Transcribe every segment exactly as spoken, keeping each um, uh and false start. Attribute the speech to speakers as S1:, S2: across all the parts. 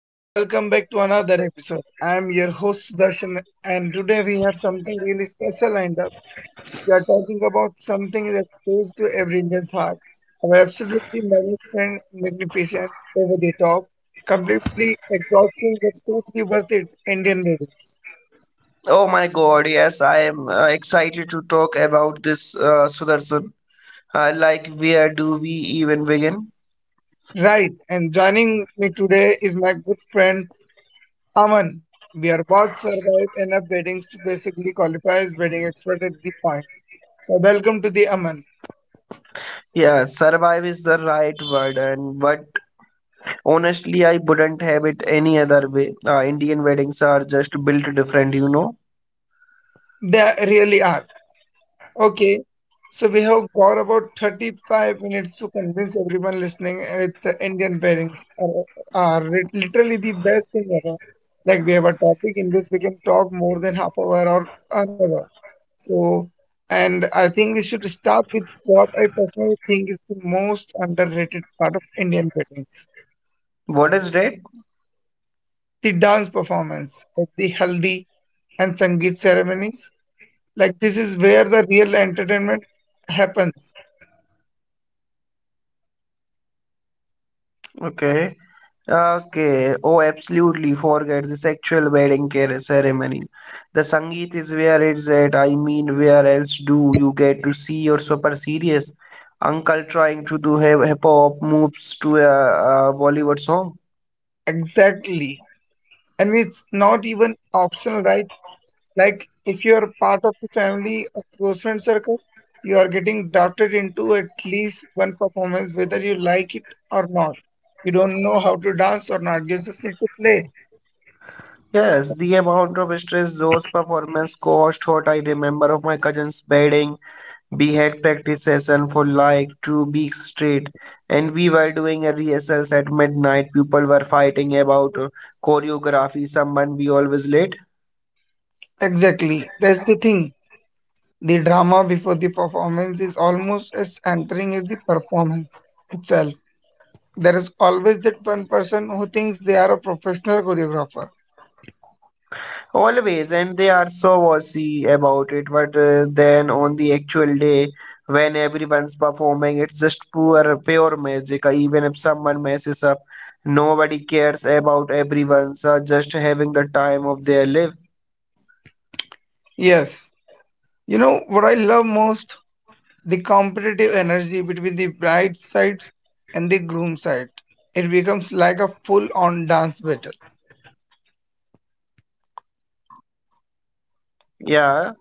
S1: and welcome back to another episode. I am your host Sudarshan, and today we have something really special lined up. We are talking about something that goes to every Indian's heart. Our absolutely magnificent, magnificent, over the top, completely exhausting but totally worth it Indian movies.
S2: Oh my God, yes, I am uh, excited to talk about this, uh, Sudarshan. Uh, like, where do we even begin?
S1: Right, and joining me today is my good friend Aman. We are both survive enough weddings to basically qualify as wedding expert at the point. So welcome to the Aman.
S2: Yeah, survive is the right word, and but honestly, I wouldn't have it any other way. Uh, Indian weddings are just built different, you know.
S1: They really are. Okay. So we have got about thirty-five minutes to convince everyone listening with the Indian pairings are, are lit- literally the best thing ever. Like we have a topic in which we can talk more than half hour or an hour. So, and I think we should start with what I personally think is the most underrated part of Indian weddings,
S2: What is that?
S1: the dance performance at the haldi and sangeet ceremonies. Like this is where the real entertainment happens.
S2: Okay. Okay. Oh, absolutely. Forget this actual wedding care ceremony. The Sangeet is where it's at. I mean, where else do you get to see your super serious uncle trying to do hip hop moves to a, a Bollywood song?
S1: Exactly. And it's not even optional, right? Like if you're part of the family or close friend circle, you are getting drafted into at least one performance, whether you like it or not. You don't know how to dance or not. You just need to play.
S2: Yes, the amount of stress those performance caused what I remember of my cousin's wedding. We had practice session for like two weeks straight, and we were doing a rehearsals at midnight. People were fighting about uh, choreography. Someone we always late,
S1: Exactly. That's the thing. The drama before the performance is almost as entering as the performance itself. There is always that one person who thinks they are a professional choreographer.
S2: always, and they are so bossy about it. But uh, then on the actual day, when everyone's performing, it's just pure pure magic. Uh, Even if someone messes up, nobody cares about everyone. So just having the time of their life.
S1: Yes. You know what I love most? The competitive energy between the bride side and the groom side. It becomes like a full on dance battle.
S2: Yeah.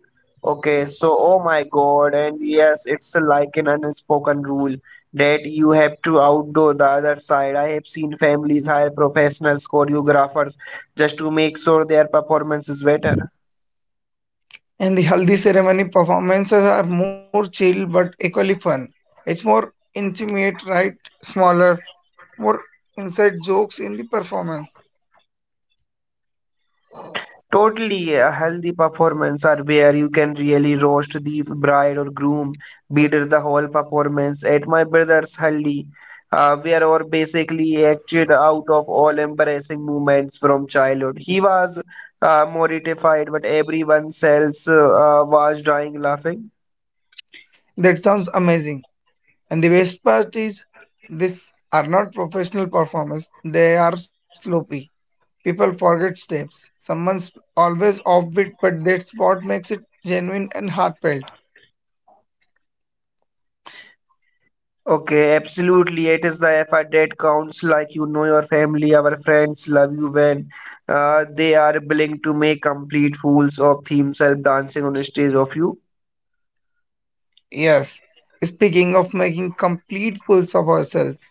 S2: Okay. So, oh my God. And yes, it's like an unspoken rule that you have to outdo the other side. I have seen families hire professionals, choreographers, just to make sure their performance is better.
S1: In the Haldi ceremony, performances are more chill but equally fun. It's more intimate, right? Smaller, more inside jokes in the performance.
S2: Totally a healthy performance are where you can really roast the bride or groom, beat the whole performance. At my brother's haldi, uh, where our basically acted out of all embarrassing moments from childhood. He was uh, mortified, but everyone else uh, was dying laughing.
S1: That sounds amazing. And the best part is, these are not professional performers, they are sloppy. People forget steps. Someone's always offbeat, but that's what makes it genuine and heartfelt.
S2: Okay, absolutely. It is the effort that counts. Like you know, your family, our friends love you when uh, they are willing to make complete fools of themselves dancing on the stage of you.
S1: Yes. Speaking of making complete fools of ourselves,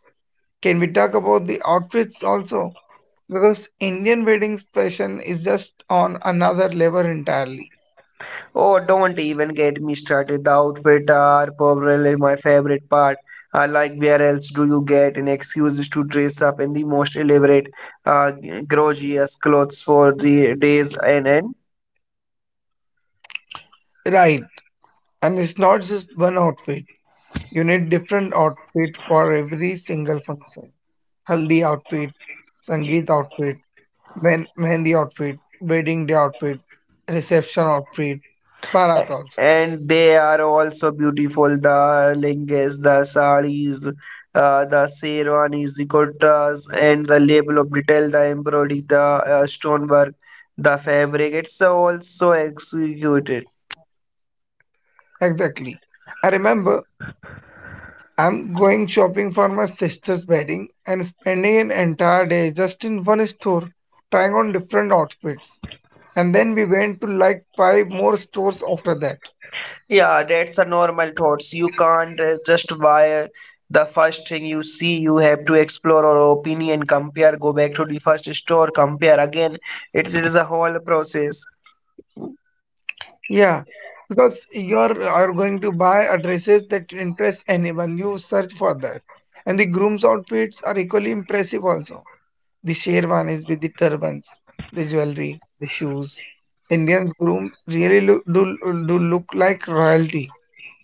S1: can we talk about the outfits also? Because Indian weddings fashion is just on another level entirely.
S2: Oh, don't even get me started. The outfit are probably my favorite part. Uh, like where else do you get an excuse to dress up in the most elaborate, uh, gorgeous clothes for the days and end?
S1: Right. And it's not just one outfit. You need different outfit for every single function. Haldi outfit, Sangeet outfit, men- Mehndi outfit, wedding day outfit, reception outfit, Bharat also.
S2: And they are also beautiful. The lehengas, the saris, uh, the sherwanis, the kurtas, and the label of detail, the embroidery, the uh, stonework, the fabric. It's also executed.
S1: Exactly. I remember I'm going shopping for my sister's wedding and spending an entire day just in one store trying on different outfits. And then we went to like five more stores after that.
S2: Yeah, that's a normal thoughts. You can't uh, just buy uh, the first thing you see. You have to explore or opinion, compare, go back to the first store, compare again. It is a whole process.
S1: Yeah, because you are, are going to buy a dresses that impress anyone. You search for that. And the groom's outfits are equally impressive also. The sherwanis with the turbans, the jewelry, the shoes. Indians groom really look, do, do look like royalty.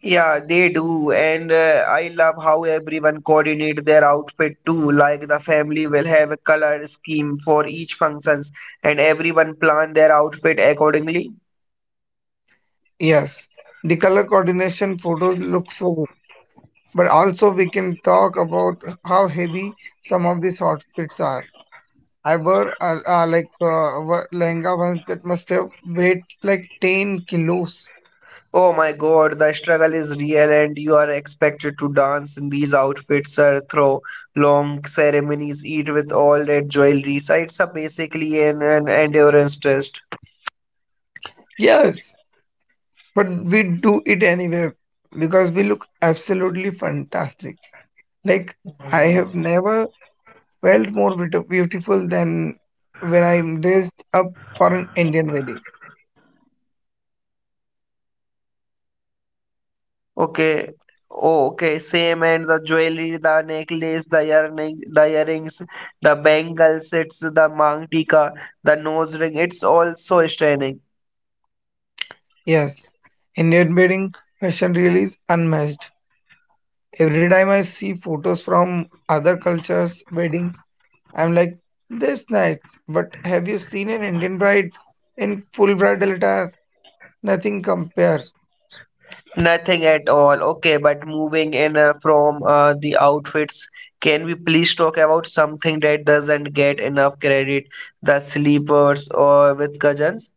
S2: Yeah, they do, and uh, I love how everyone coordinate their outfit too. Like the family will have a color scheme for each functions, and everyone plan their outfit accordingly.
S1: Yes, the color coordination photos look so good, but also we can talk about how heavy some of these outfits are. I wore uh, uh, like uh, wa- lehenga ones that must have weighed like ten kilos.
S2: Oh my God, the struggle is real, and you are expected to dance in these outfits uh, through long ceremonies, eat with all that jewelry. So it's a basically an, an endurance test.
S1: Yes, but we do it anyway because we look absolutely fantastic. Like I have never felt more beauti- beautiful than when I'm dressed up for an Indian wedding.
S2: Okay. Oh, okay. Same and the jewelry, the necklace, the earring, the earrings, the bangles, it's the mantika, the nose ring. It's all so stunning.
S1: Yes, Indian wedding fashion really is unmatched. Every time I see photos from other cultures' weddings, I'm like, this nice. But have you seen an Indian bride in full bridal attire? Nothing compares.
S2: Nothing at all. Okay, but moving in uh, from uh, the outfits, can we please talk about something that doesn't get enough credit, the sleepers or with cousins?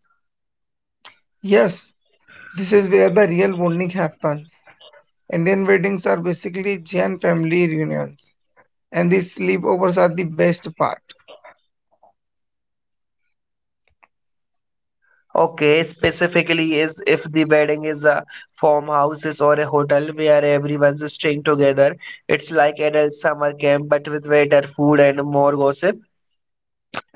S1: Yes, this is where the real bonding happens. Indian weddings are basically giant family reunions, and the sleepovers are the best part.
S2: Okay, specifically is if the wedding is a farmhouses or a hotel where everyone's staying together. It's like adult summer camp but with better food and more gossip.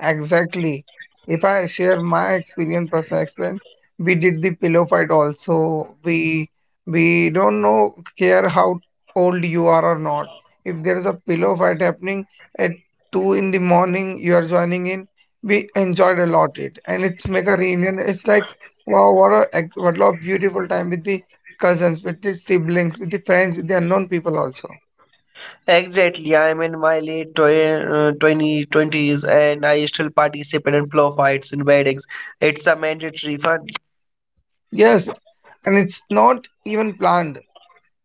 S1: Exactly. If I share my experience, personal experience, we did the pillow fight also. We we don't know care how old you are or not. If there is a pillow fight happening at two in the morning, you are joining in. We enjoyed a lot it, and it's make a reunion. It's like wow, what a ex- what a beautiful time with the cousins, with the siblings, with the friends, with the unknown people also.
S2: Exactly, I'm in my late twenty twenties, and I still participate in blow fights in weddings. It's a mandatory fun.
S1: Yes, and it's not even planned.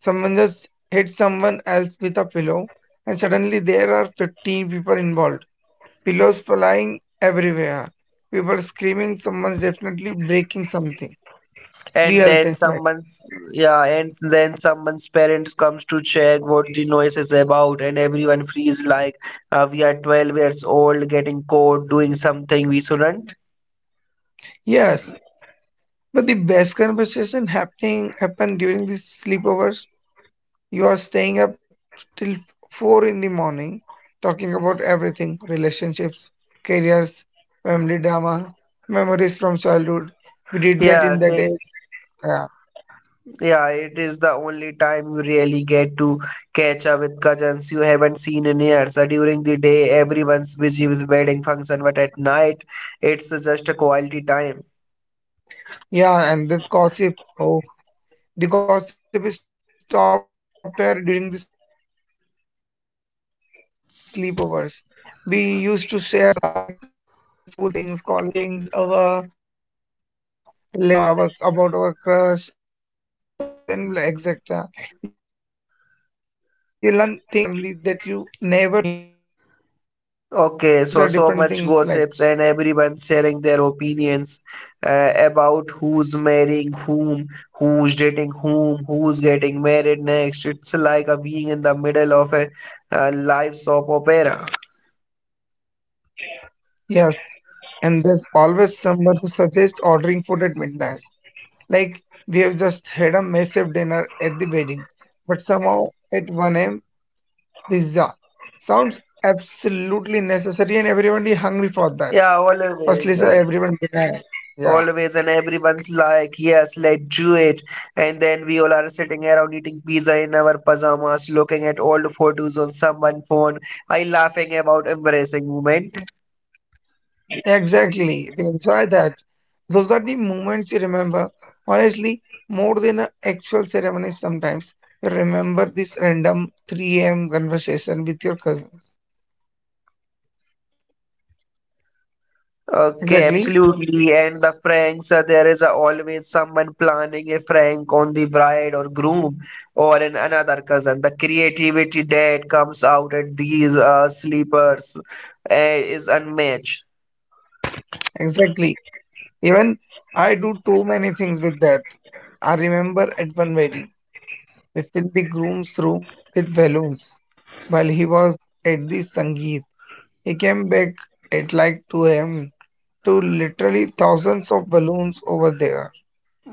S1: Someone just hit someone else with a pillow, and suddenly there are fifteen people involved. Pillows flying everywhere. People screaming, someone's definitely breaking something. Real
S2: And
S1: things like
S2: then someone's yeah and then someone's parents comes to check what the noise is about, and everyone freeze like uh, we are twelve years old getting caught doing something we shouldn't.
S1: yes. But the best conversation happening happen during the sleepovers. You are staying up till four in the morning, talking about everything, relationships, careers, family drama, memories from childhood. We did that
S2: yeah
S1: in that
S2: so,
S1: age.
S2: yeah, it is the only time you really get to catch up with cousins you haven't seen in years. Uh, during the day, everyone's busy with wedding function, but at night it's just a quality time.
S1: Yeah, and this gossip. Oh, the gossip is stopped here during the sleepovers. We used to share some uh, like uh, school things, college things, our relationship, or our about our crush, our hobbies, and et cetera. You learn things about your family that you never knew. A different culture, different things like
S2: Okay, so so much gossips and everyone sharing their opinions uh, about who's marrying whom, who's dating whom, who's getting married next. It's like a being in the middle of a uh, live soap opera.
S1: yes. And there's always someone who suggests ordering food at midnight. Like we have just had a massive dinner at the wedding, but somehow at one a m pizza sounds absolutely necessary and everyone is hungry for that.
S2: Yeah, always.
S1: Firstly, so
S2: uh,
S1: everyone deny. Yeah,
S2: Always, and everyone's like, yes, let's do it. And then we all are sitting around eating pizza in our pajamas, looking at old photos on someone's phone. I laughing about embarrassing moment.
S1: exactly. We enjoy that. Those are the moments you remember. Honestly, more than an actual ceremony sometimes. You remember this random three a m conversation with your cousins.
S2: Okay,
S1: Exactly,
S2: absolutely. And the pranks, uh, there is uh, always someone planning a prank on the bride or groom or in another cousin. The creativity that comes out at these uh, sleepers uh, is unmatched.
S1: exactly. Even I do too many things with that. I remember at one wedding, we filled the groom's room with balloons. While he was at the Sangeet, he came back at like two a m to literally thousands of balloons over there.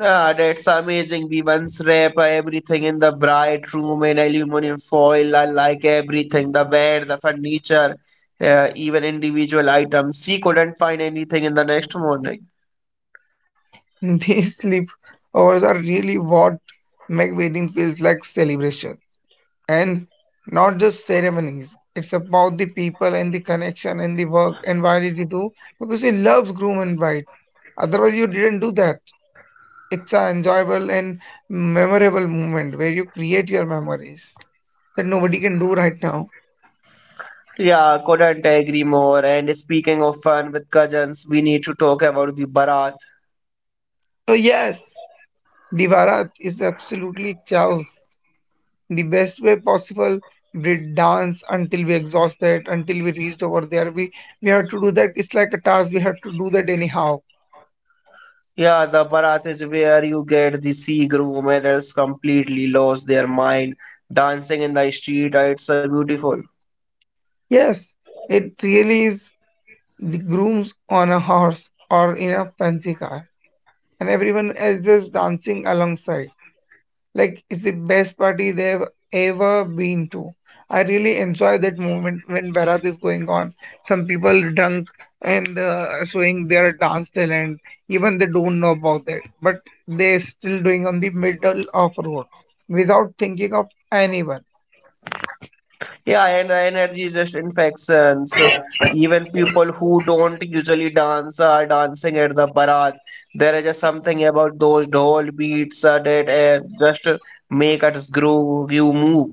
S2: Ah, that's amazing. We once wrap uh, everything in the bride room in aluminum foil. I like everything, the bed, the furniture, uh, even individual items. She couldn't find anything in the next morning.
S1: These sleepovers are really what make wedding feels like celebration, and not just ceremonies. It's about the people and the connection and the work and why did you do? Because you love groom and bride. Otherwise, you didn't do that. It's an enjoyable and memorable moment where you create your memories that nobody can do right now.
S2: Yeah, couldn't agree more. And speaking of fun with cousins, we need to talk about the Barat.
S1: So yes, the Bharat is absolutely chaos. The best way possible. We dance until we exhausted, until we reached over there. We we have to do that. It's like a task. We have to do that anyhow.
S2: Yeah, the Barat is where you get the sea groom adults completely lost their mind, dancing in the street. right? It's so beautiful.
S1: Yes, it really is the grooms on a horse or in a fancy car, and everyone else just dancing alongside. Like it's the best party they've ever been to. I really enjoy that moment when Barat is going on. Some people drunk and uh, showing their dance talent, even they don't know about that, but they're still doing on the middle of road without thinking of anyone.
S2: Yeah, and the energy is just infections. Even people who don't usually dance are dancing at the Barat. There is just something about those dhol beats uh, that uh, just uh, make us groove, you move.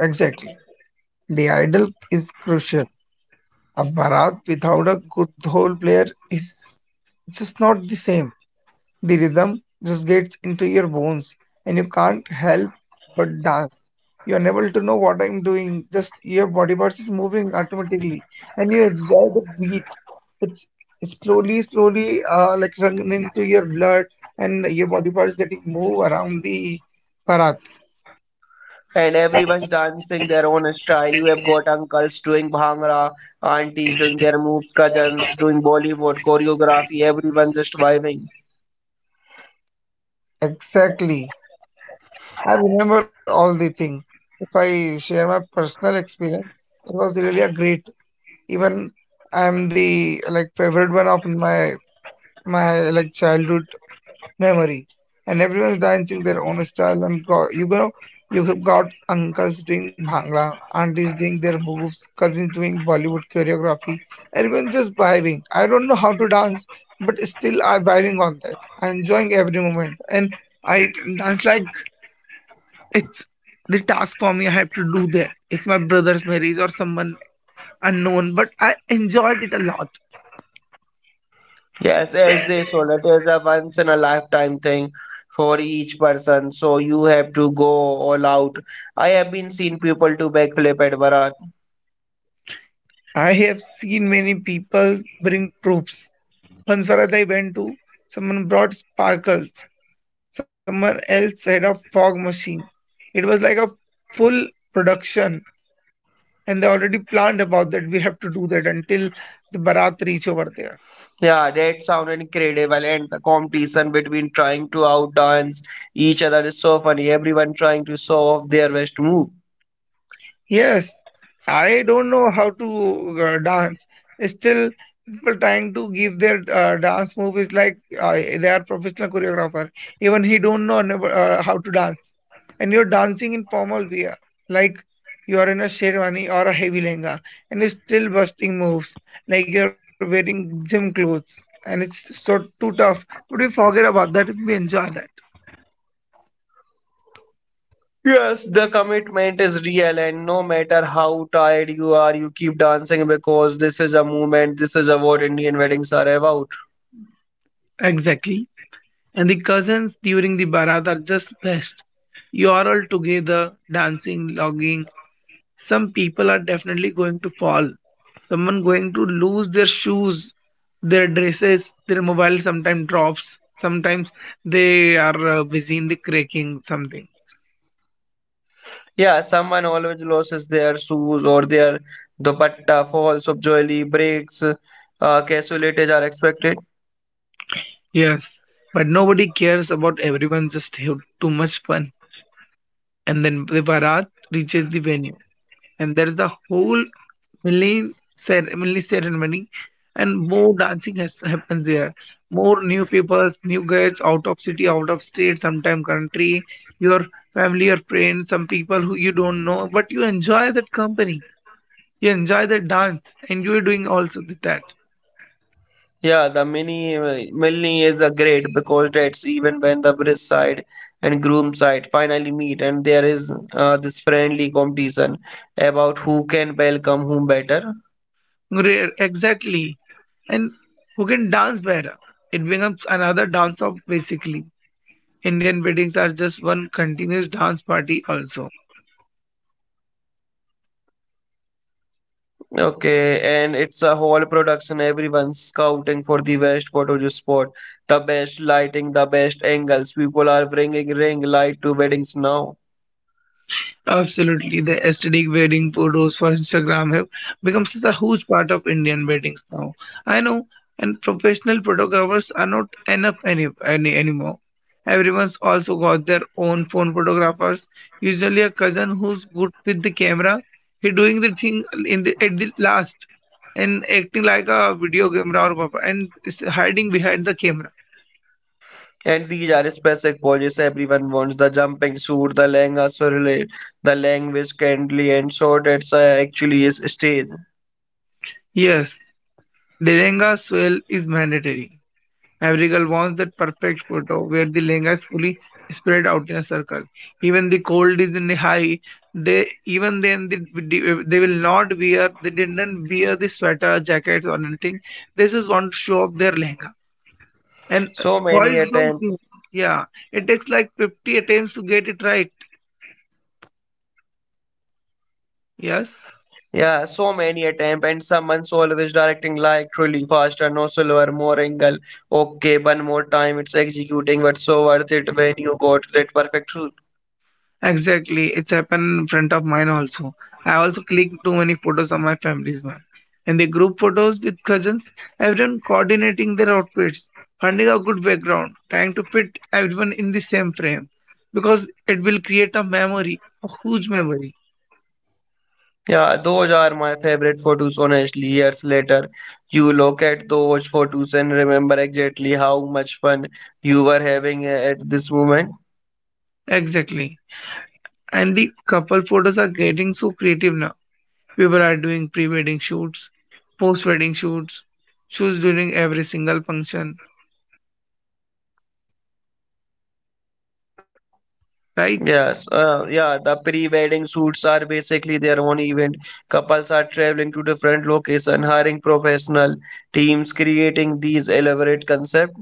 S1: Exactly. The idol is crucial. A Bharat without a good whole player is just not the same. The rhythm just gets into your bones and you can't help but dance. You're unable to know what I'm doing, just your body parts is moving automatically and you enjoy the beat. It's slowly, slowly uh, like running into your blood and your body parts getting move around the Bharat.
S2: And everyone's dancing their own style. You have got uncles doing bhangra, aunties doing their moves, cousins doing Bollywood choreography, everyone just vibing.
S1: Exactly. I remember all the thing. If I share my personal experience, it was really a great. Even I'm the like favorite one of my my like childhood memory. And everyone's dancing their own style and go, you know you have got uncles doing bhangra, aunties doing their moves, cousins doing Bollywood choreography. Everyone just vibing. I don't know how to dance, but still I'm vibing on that. I'm enjoying every moment and I dance like it's the task for me, I have to do there. It's my brother's marriage or someone unknown but I enjoyed it a lot.
S2: Yes, as they saw, it is a once in a lifetime thing for each person. So you have to go all out. I have been seen people to backflip at Bharat.
S1: I have seen many people bring proofs once where I went to, someone brought sparkles, someone else had a fog machine. It was like a full production, and they already planned about that we have to do that until the Bharat reach over there.
S2: Yeah, that sounded incredible, and the competition between trying to outdance each other is so funny. Everyone trying to show off their best move.
S1: Yes, I don't know how to uh, dance. Still, people trying to give their uh, dance move is like uh, they are professional choreographer. Even he don't know never, uh, how to dance, and you're dancing in formal wear, like you are in a sherwani or a heavy lehenga, and you're still busting moves like you're wearing gym clothes, and it's so too tough. But we forget about that. If we enjoy that.
S2: Yes, the commitment is real, and no matter how tired you are, you keep dancing because this is a movement, this is a what Indian weddings are about.
S1: Exactly. And the cousins during the Barat are just best. You are all together, dancing, logging. Some people are definitely going to fall. Someone going to lose their shoes, their dresses, their mobile sometimes drops. Sometimes they are uh, busy in the cracking something.
S2: Yeah, someone always loses their shoes or their dupatta, falls obviously, breaks, uh, casualties are expected.
S1: Yes, but nobody cares about everyone just have too much fun. And then the Barat reaches the venue. And there's the whole Millen said Millennium ceremony, and more dancing has happens there. More new peoples, new guys, out of city, out of state, sometime country, your family or friends, some people who you don't know, but you enjoy that company, you enjoy that dance, and you are doing also with that.
S2: Yeah, the mini uh, milni is a great because that's even when the bride side and groom side finally meet, and there is uh, this friendly competition about who can welcome whom better.
S1: Great, exactly, and who can dance better? It becomes another dance off basically. Indian weddings are just one continuous dance party also.
S2: Okay, and it's a whole production. Everyone's scouting for the best photo you spot, the best lighting, the best angles. People are bringing ring light to weddings now.
S1: Absolutely, the aesthetic wedding photos for Instagram have become such a huge part of Indian weddings now. I know, and professional photographers are not enough any, any anymore. Everyone's also got their own phone photographers. Usually, a cousin who's good with the camera, he doing the thing in the at the last and acting like a video camera or papa and is hiding behind the camera.
S2: And these are specific poses everyone wants. The jumping suit, the lehenga surreal, the language kindly and so that's uh, actually is stage.
S1: Yes, Delenga soil is mandatory. Every girl wants that perfect photo where the lehenga is fully spread out in a circle. Even the cold is in the high. They even then they, they will not wear. They didn't wear the sweater, jackets or anything. They just want to show up their lehenga. And
S2: So many
S1: boys don't
S2: attempts.
S1: think. Yeah, it takes like fifty attempts to get it right. Yes.
S2: Yeah, so many attempts and someone's always directing like truly faster, no slower, more angle. Okay, one more time, it's executing, but so worth it when you got that perfect shoot.
S1: Exactly, it's happened in front of mine also. I also clicked too many photos of my family's one. And the group photos with cousins, everyone coordinating their outfits, finding a good background, trying to fit everyone in the same frame. Because it will create a memory, a huge memory.
S2: Yeah, those are my favorite photos, honestly. Years later, you look at those photos and remember exactly how much fun you were having at this moment.
S1: Exactly. And the couple photos are getting so creative now. People are doing pre wedding shoots, post wedding shoots, shoots during every single function, right?
S2: Yes, uh, yeah, the pre-wedding shoots are basically their own event. Couples are traveling to different locations, hiring professional teams, creating these elaborate concepts.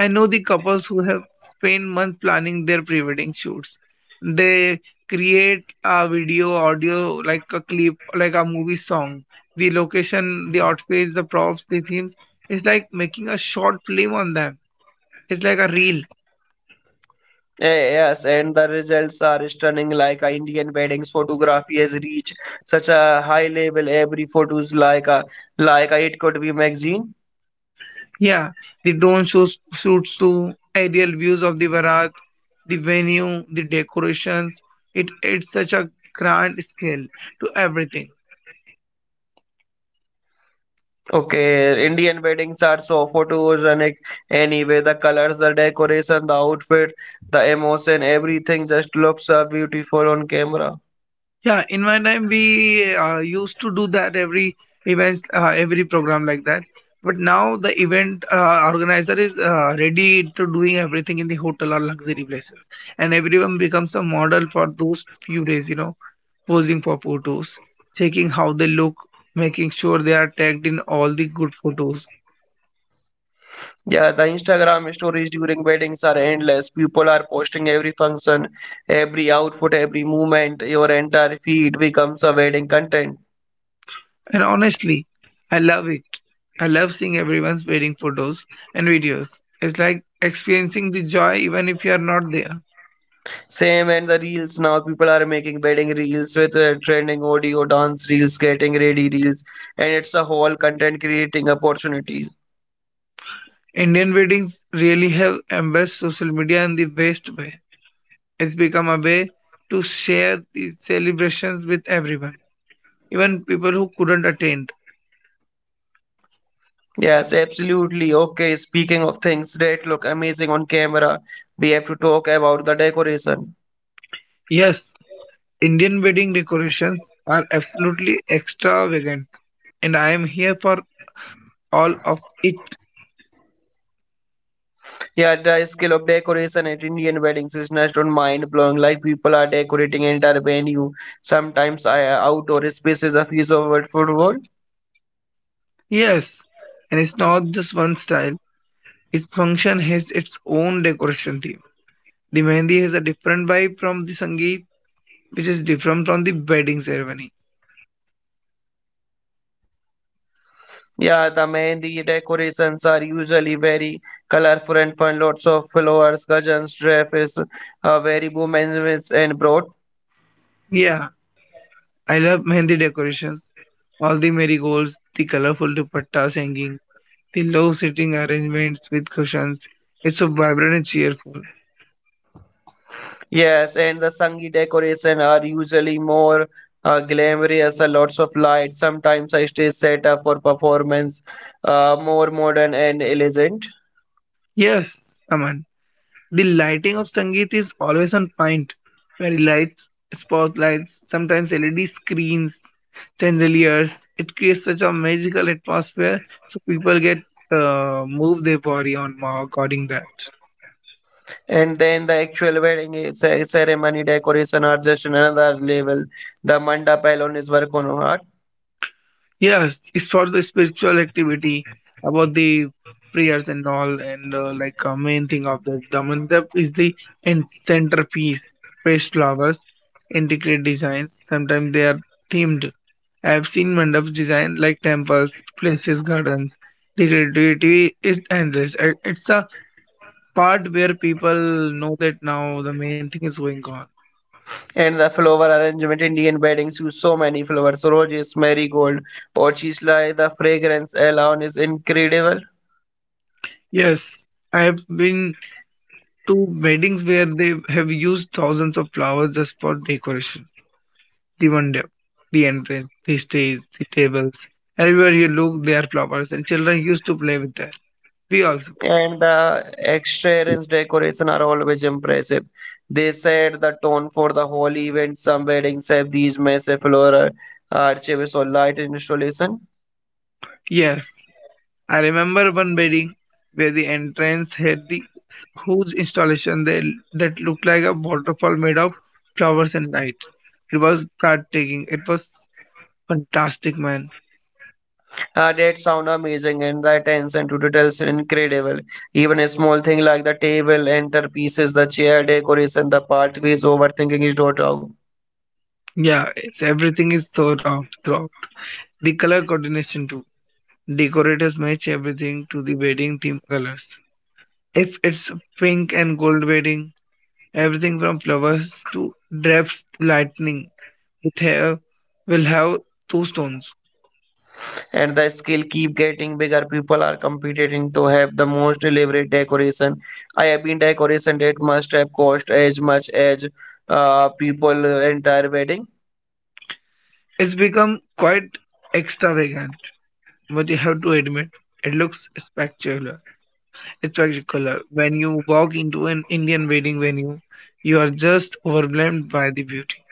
S1: I know the couples who have spent months planning their pre-wedding shoots. They create a video, audio, like a clip, like a movie song. The location, the outfits, the props, the themes. It's like making a short film on them. It's like a reel.
S2: Yes, and the results are stunning, like uh, Indian weddings photography has reached such a high level. Every photos like a like a, it could be magazine.
S1: Yeah. The drone shoots, shoots to aerial views of the Bharat, the venue, the decorations. It adds such a grand scale to everything.
S2: Okay, Indian weddings are so photogenic anyway. The colors, the decoration, the outfit, the emotion, everything just looks uh, beautiful on camera.
S1: Yeah, in my time we uh, used to do that every events, uh, every program like that. But now the event uh, organizer is uh, ready to doing everything in the hotel or luxury places, and everyone becomes a model for those few days. You know, posing for photos, checking how they look, making sure they are tagged in all the good photos.
S2: Yeah, the Instagram stories during weddings are endless. People are posting every function, every outfit, every movement. Your entire feed becomes a wedding content.
S1: And honestly, I love it. I love seeing everyone's wedding photos and videos. It's like experiencing the joy even if you are not there.
S2: Same and the reels now. People are making wedding reels with uh, trending audio, dance reels, getting ready reels, and it's a whole content creating opportunity.
S1: Indian weddings really have embraced social media in the best way. It's become a way to share the celebrations with everyone, even people who couldn't attend.
S2: Yes, absolutely. Okay, speaking of things that look amazing on camera, we have to talk about the decoration.
S1: Yes, Indian wedding decorations are absolutely extravagant, and I am here for all of it.
S2: Yeah, the skill of decoration at Indian weddings is just on mind-blowing. Like people are decorating entire venue, sometimes I outdoor spaces of his over football.
S1: Yes, and it's not just one style. Each function has its own decoration theme. The mehndi has a different vibe from the sangeet, which is different from the wedding ceremony.
S2: Yeah, the mehndi decorations are usually very colorful and fun. Lots of flowers, cousins, dresses, uh, very women and broad.
S1: Yeah, I love Mehndi decorations. All the marigolds, the colorful dupattas hanging, the low sitting arrangements with cushions. It's so vibrant and cheerful.
S2: Yes, and the Sangi decoration are usually more uh, glamorous, uh, lots of lights, sometimes a stage setup for performance, uh, more modern and elegant.
S1: Yes, Aman. The lighting of Sangeet is always on point. Very lights, spotlights, sometimes L E D screens, chandeliers. It creates such a magical atmosphere, so people get uh, move their body on according that.
S2: And then the actual wedding i- ce- ceremony decoration are just another level. The mandap alone is work on art.
S1: Yes, it's for the spiritual activity about the prayers and all, and uh, like uh, main thing of the the mandap is the in centerpiece, fresh flowers, intricate designs. Sometimes they are themed. I have seen mandaps designed like temples, places, gardens. The creativity is endless. It- It's a part where people know that now the main thing is going on.
S2: And the flower arrangement, Indian weddings use so many flowers, roses, marigold, orchis, the fragrance alone is incredible.
S1: Yes, I have been to weddings where they have used thousands of flowers just for decoration. The window, the entrance, the stage, the tables. Everywhere you look, there are flowers, and children used to play with that. We also.
S2: And the extravagant decoration are always impressive. They set the tone for the whole event. Some weddings have these massive floral arches or light installation.
S1: Yes, I remember one wedding where the entrance had the huge installation that, that looked like a waterfall made of flowers and light. It was breathtaking. It was fantastic, man.
S2: Uh, that sound amazing, and the attention to details are incredible. Even a small thing like the table, centerpieces, the chair decoration, the pathways, overthinking is not out.
S1: Yeah, it's everything is thought out throughout. The color coordination too. Decorators match everything to the wedding theme colors. If it's pink and gold wedding, everything from flowers to drapes lightning with hair will have two stones.
S2: And the scale keep getting bigger. People are competing to have the most elaborate decoration. I have been decoration that must have cost as much as uh, people uh, entire wedding.
S1: It's become quite extravagant, but you have to admit it looks spectacular. Spectacular. When you walk into an Indian wedding venue, you are just overwhelmed by the beauty.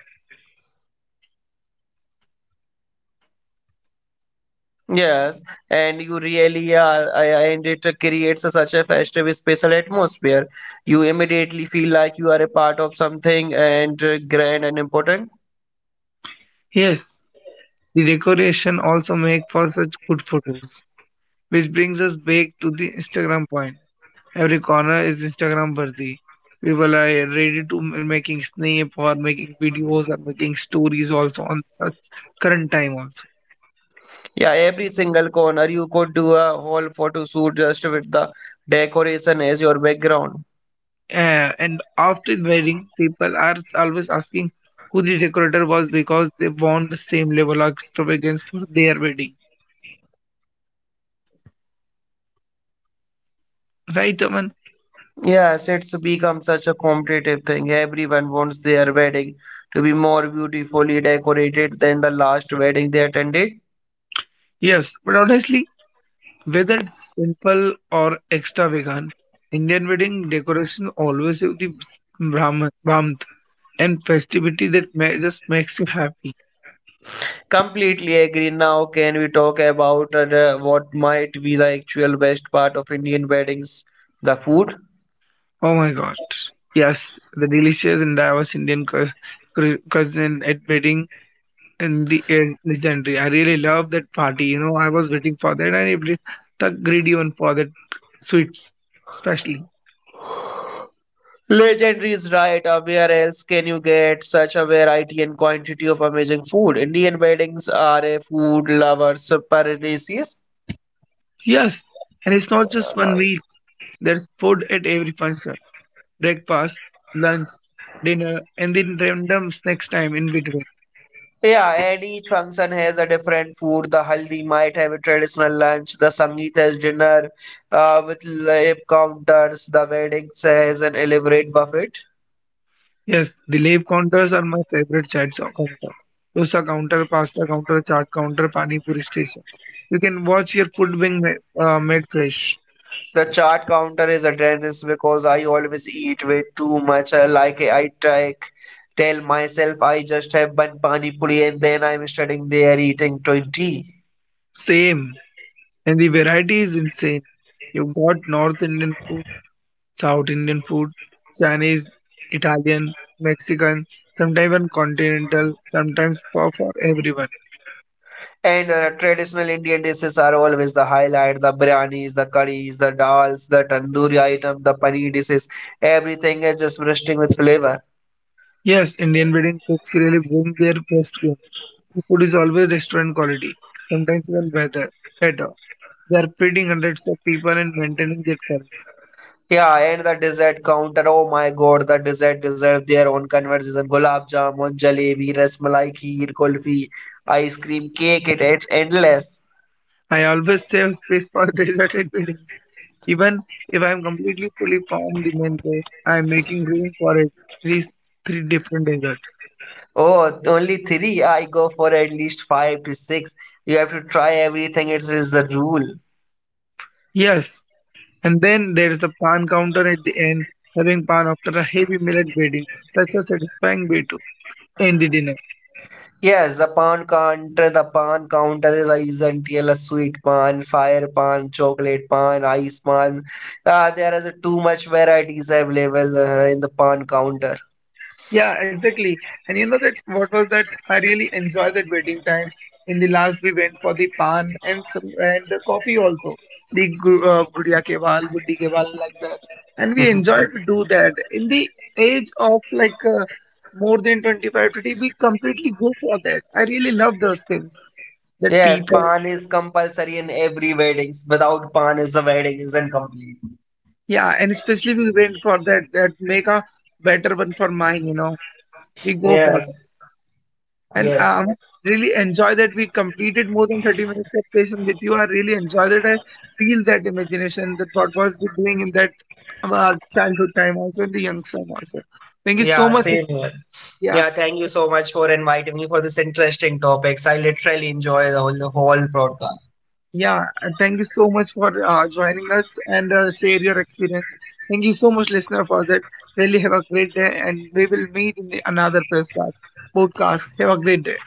S2: Yes, and you really are I- I- And it creates a such a festive special atmosphere. You immediately feel like you are a part of something and uh, grand and important.
S1: Yes, the decoration also make for such good photos, which brings us back to the Instagram point. Every corner is Instagram worthy. People are ready to m- making snap or making videos or making stories also on such current time also.
S2: Yeah, every single corner you could do a whole photo shoot just with the decoration as your background.
S1: Uh, and after wedding, people are always asking who the decorator was because they want the same level of extravagance for their wedding. Right, Aman?
S2: Yes, it's become such a competitive thing. Everyone wants their wedding to be more beautifully decorated than the last wedding they attended.
S1: Yes, but honestly, whether it's simple or extravagant, Indian wedding decoration always have the s- Brahman, Brahman and festivity that ma- just makes you happy.
S2: Completely agree. Now, can we talk about uh, what might be the actual best part of Indian weddings? The food.
S1: Oh my God. Yes, the delicious and diverse Indian cu- cu- cuisine at wedding and the is legendary. I really love that party. You know, I was waiting for that, and every the greedy one for that sweets, especially.
S2: Legendary is right. Uh, where else can you get such a variety and quantity of amazing food? Indian weddings are a food lovers paradise.
S1: Yes, and it's not just one meal. There's food at every function: breakfast, lunch, dinner, and then random snacks time in between.
S2: Yeah, and each function has a different food. The haldi might have a traditional lunch, the sangeet has dinner uh, with live counters, the wedding has an elaborate buffet.
S1: Yes, the live counters are my favorite chats of counter. Dosa counter, pasta counter, chaat counter, pani puri station. You can watch your food being ma- uh, made fresh.
S2: The chart counter is a tennis because I always eat way too much. I like I take, tell myself I just have one pani puri and then I'm standing there eating twenty.
S1: Same. And the variety is insane. You've got North Indian food, South Indian food, Chinese, Italian, Mexican, sometimes even continental, sometimes for, for everyone.
S2: And uh, traditional Indian dishes are always the highlight, the biryanis, the curries, the dals, the tandoori item, the paneer dishes. Everything is just bursting with flavor.
S1: Yes, Indian wedding cooks really bring their best game. The food is always restaurant quality, sometimes even better. better. They are feeding hundreds of people and maintaining their current.
S2: Yeah, and the dessert counter. Oh my God, the dessert deserve their own conversation. Gulab jamun, jalebi, rasmalai, kheer, kulfi, ice cream, cake. It, it's endless.
S1: I always save space for deserted buildings. Even if I am completely fully formed the main course, I am making room for at least three different desserts.
S2: Oh, only three. I go for at least five to six. You have to try everything. It is the rule.
S1: Yes, and then there is the pan counter at the end. Having pan after a heavy millet wedding is such a satisfying way to end the dinner.
S2: Yes, the pan counter, the pan counter is is until a sweet pan, fire pan, chocolate pan, ice pan. Uh, there is too much varieties available uh, in the pan counter.
S1: Yeah, exactly. And you know that what was that? I really enjoyed that waiting time. In the last, we went for the pan and some and the coffee also. The gu- uh, gudiya ke baal, buddi ke baal, like that. And we enjoyed to do that. In the age of like uh, more than twenty-five today, we completely go for that. I really love those things that
S2: Yes,
S1: people.
S2: pan is compulsory in every weddings. Without pan, is the wedding is incomplete.
S1: Yeah, and especially we went for that that make a better one for mine. You know, we go for.
S2: Yes,
S1: And
S2: yes,
S1: um, really enjoy that we completed more than thirty minutes of session with you. I really enjoy that. I feel that imagination that what was we doing in that um, our childhood time also in the young time also. Thank you so
S2: yeah,
S1: much.
S2: same here.
S1: Yeah,
S2: Yeah, thank you so much for inviting me for this interesting topics. I literally enjoy the whole, the whole broadcast.
S1: yeah. And thank you so much for uh, joining us and uh, share your experience. Thank you so much, listener, for that. Really have a great day, and we will meet in the another podcast. Podcast. Have a great day.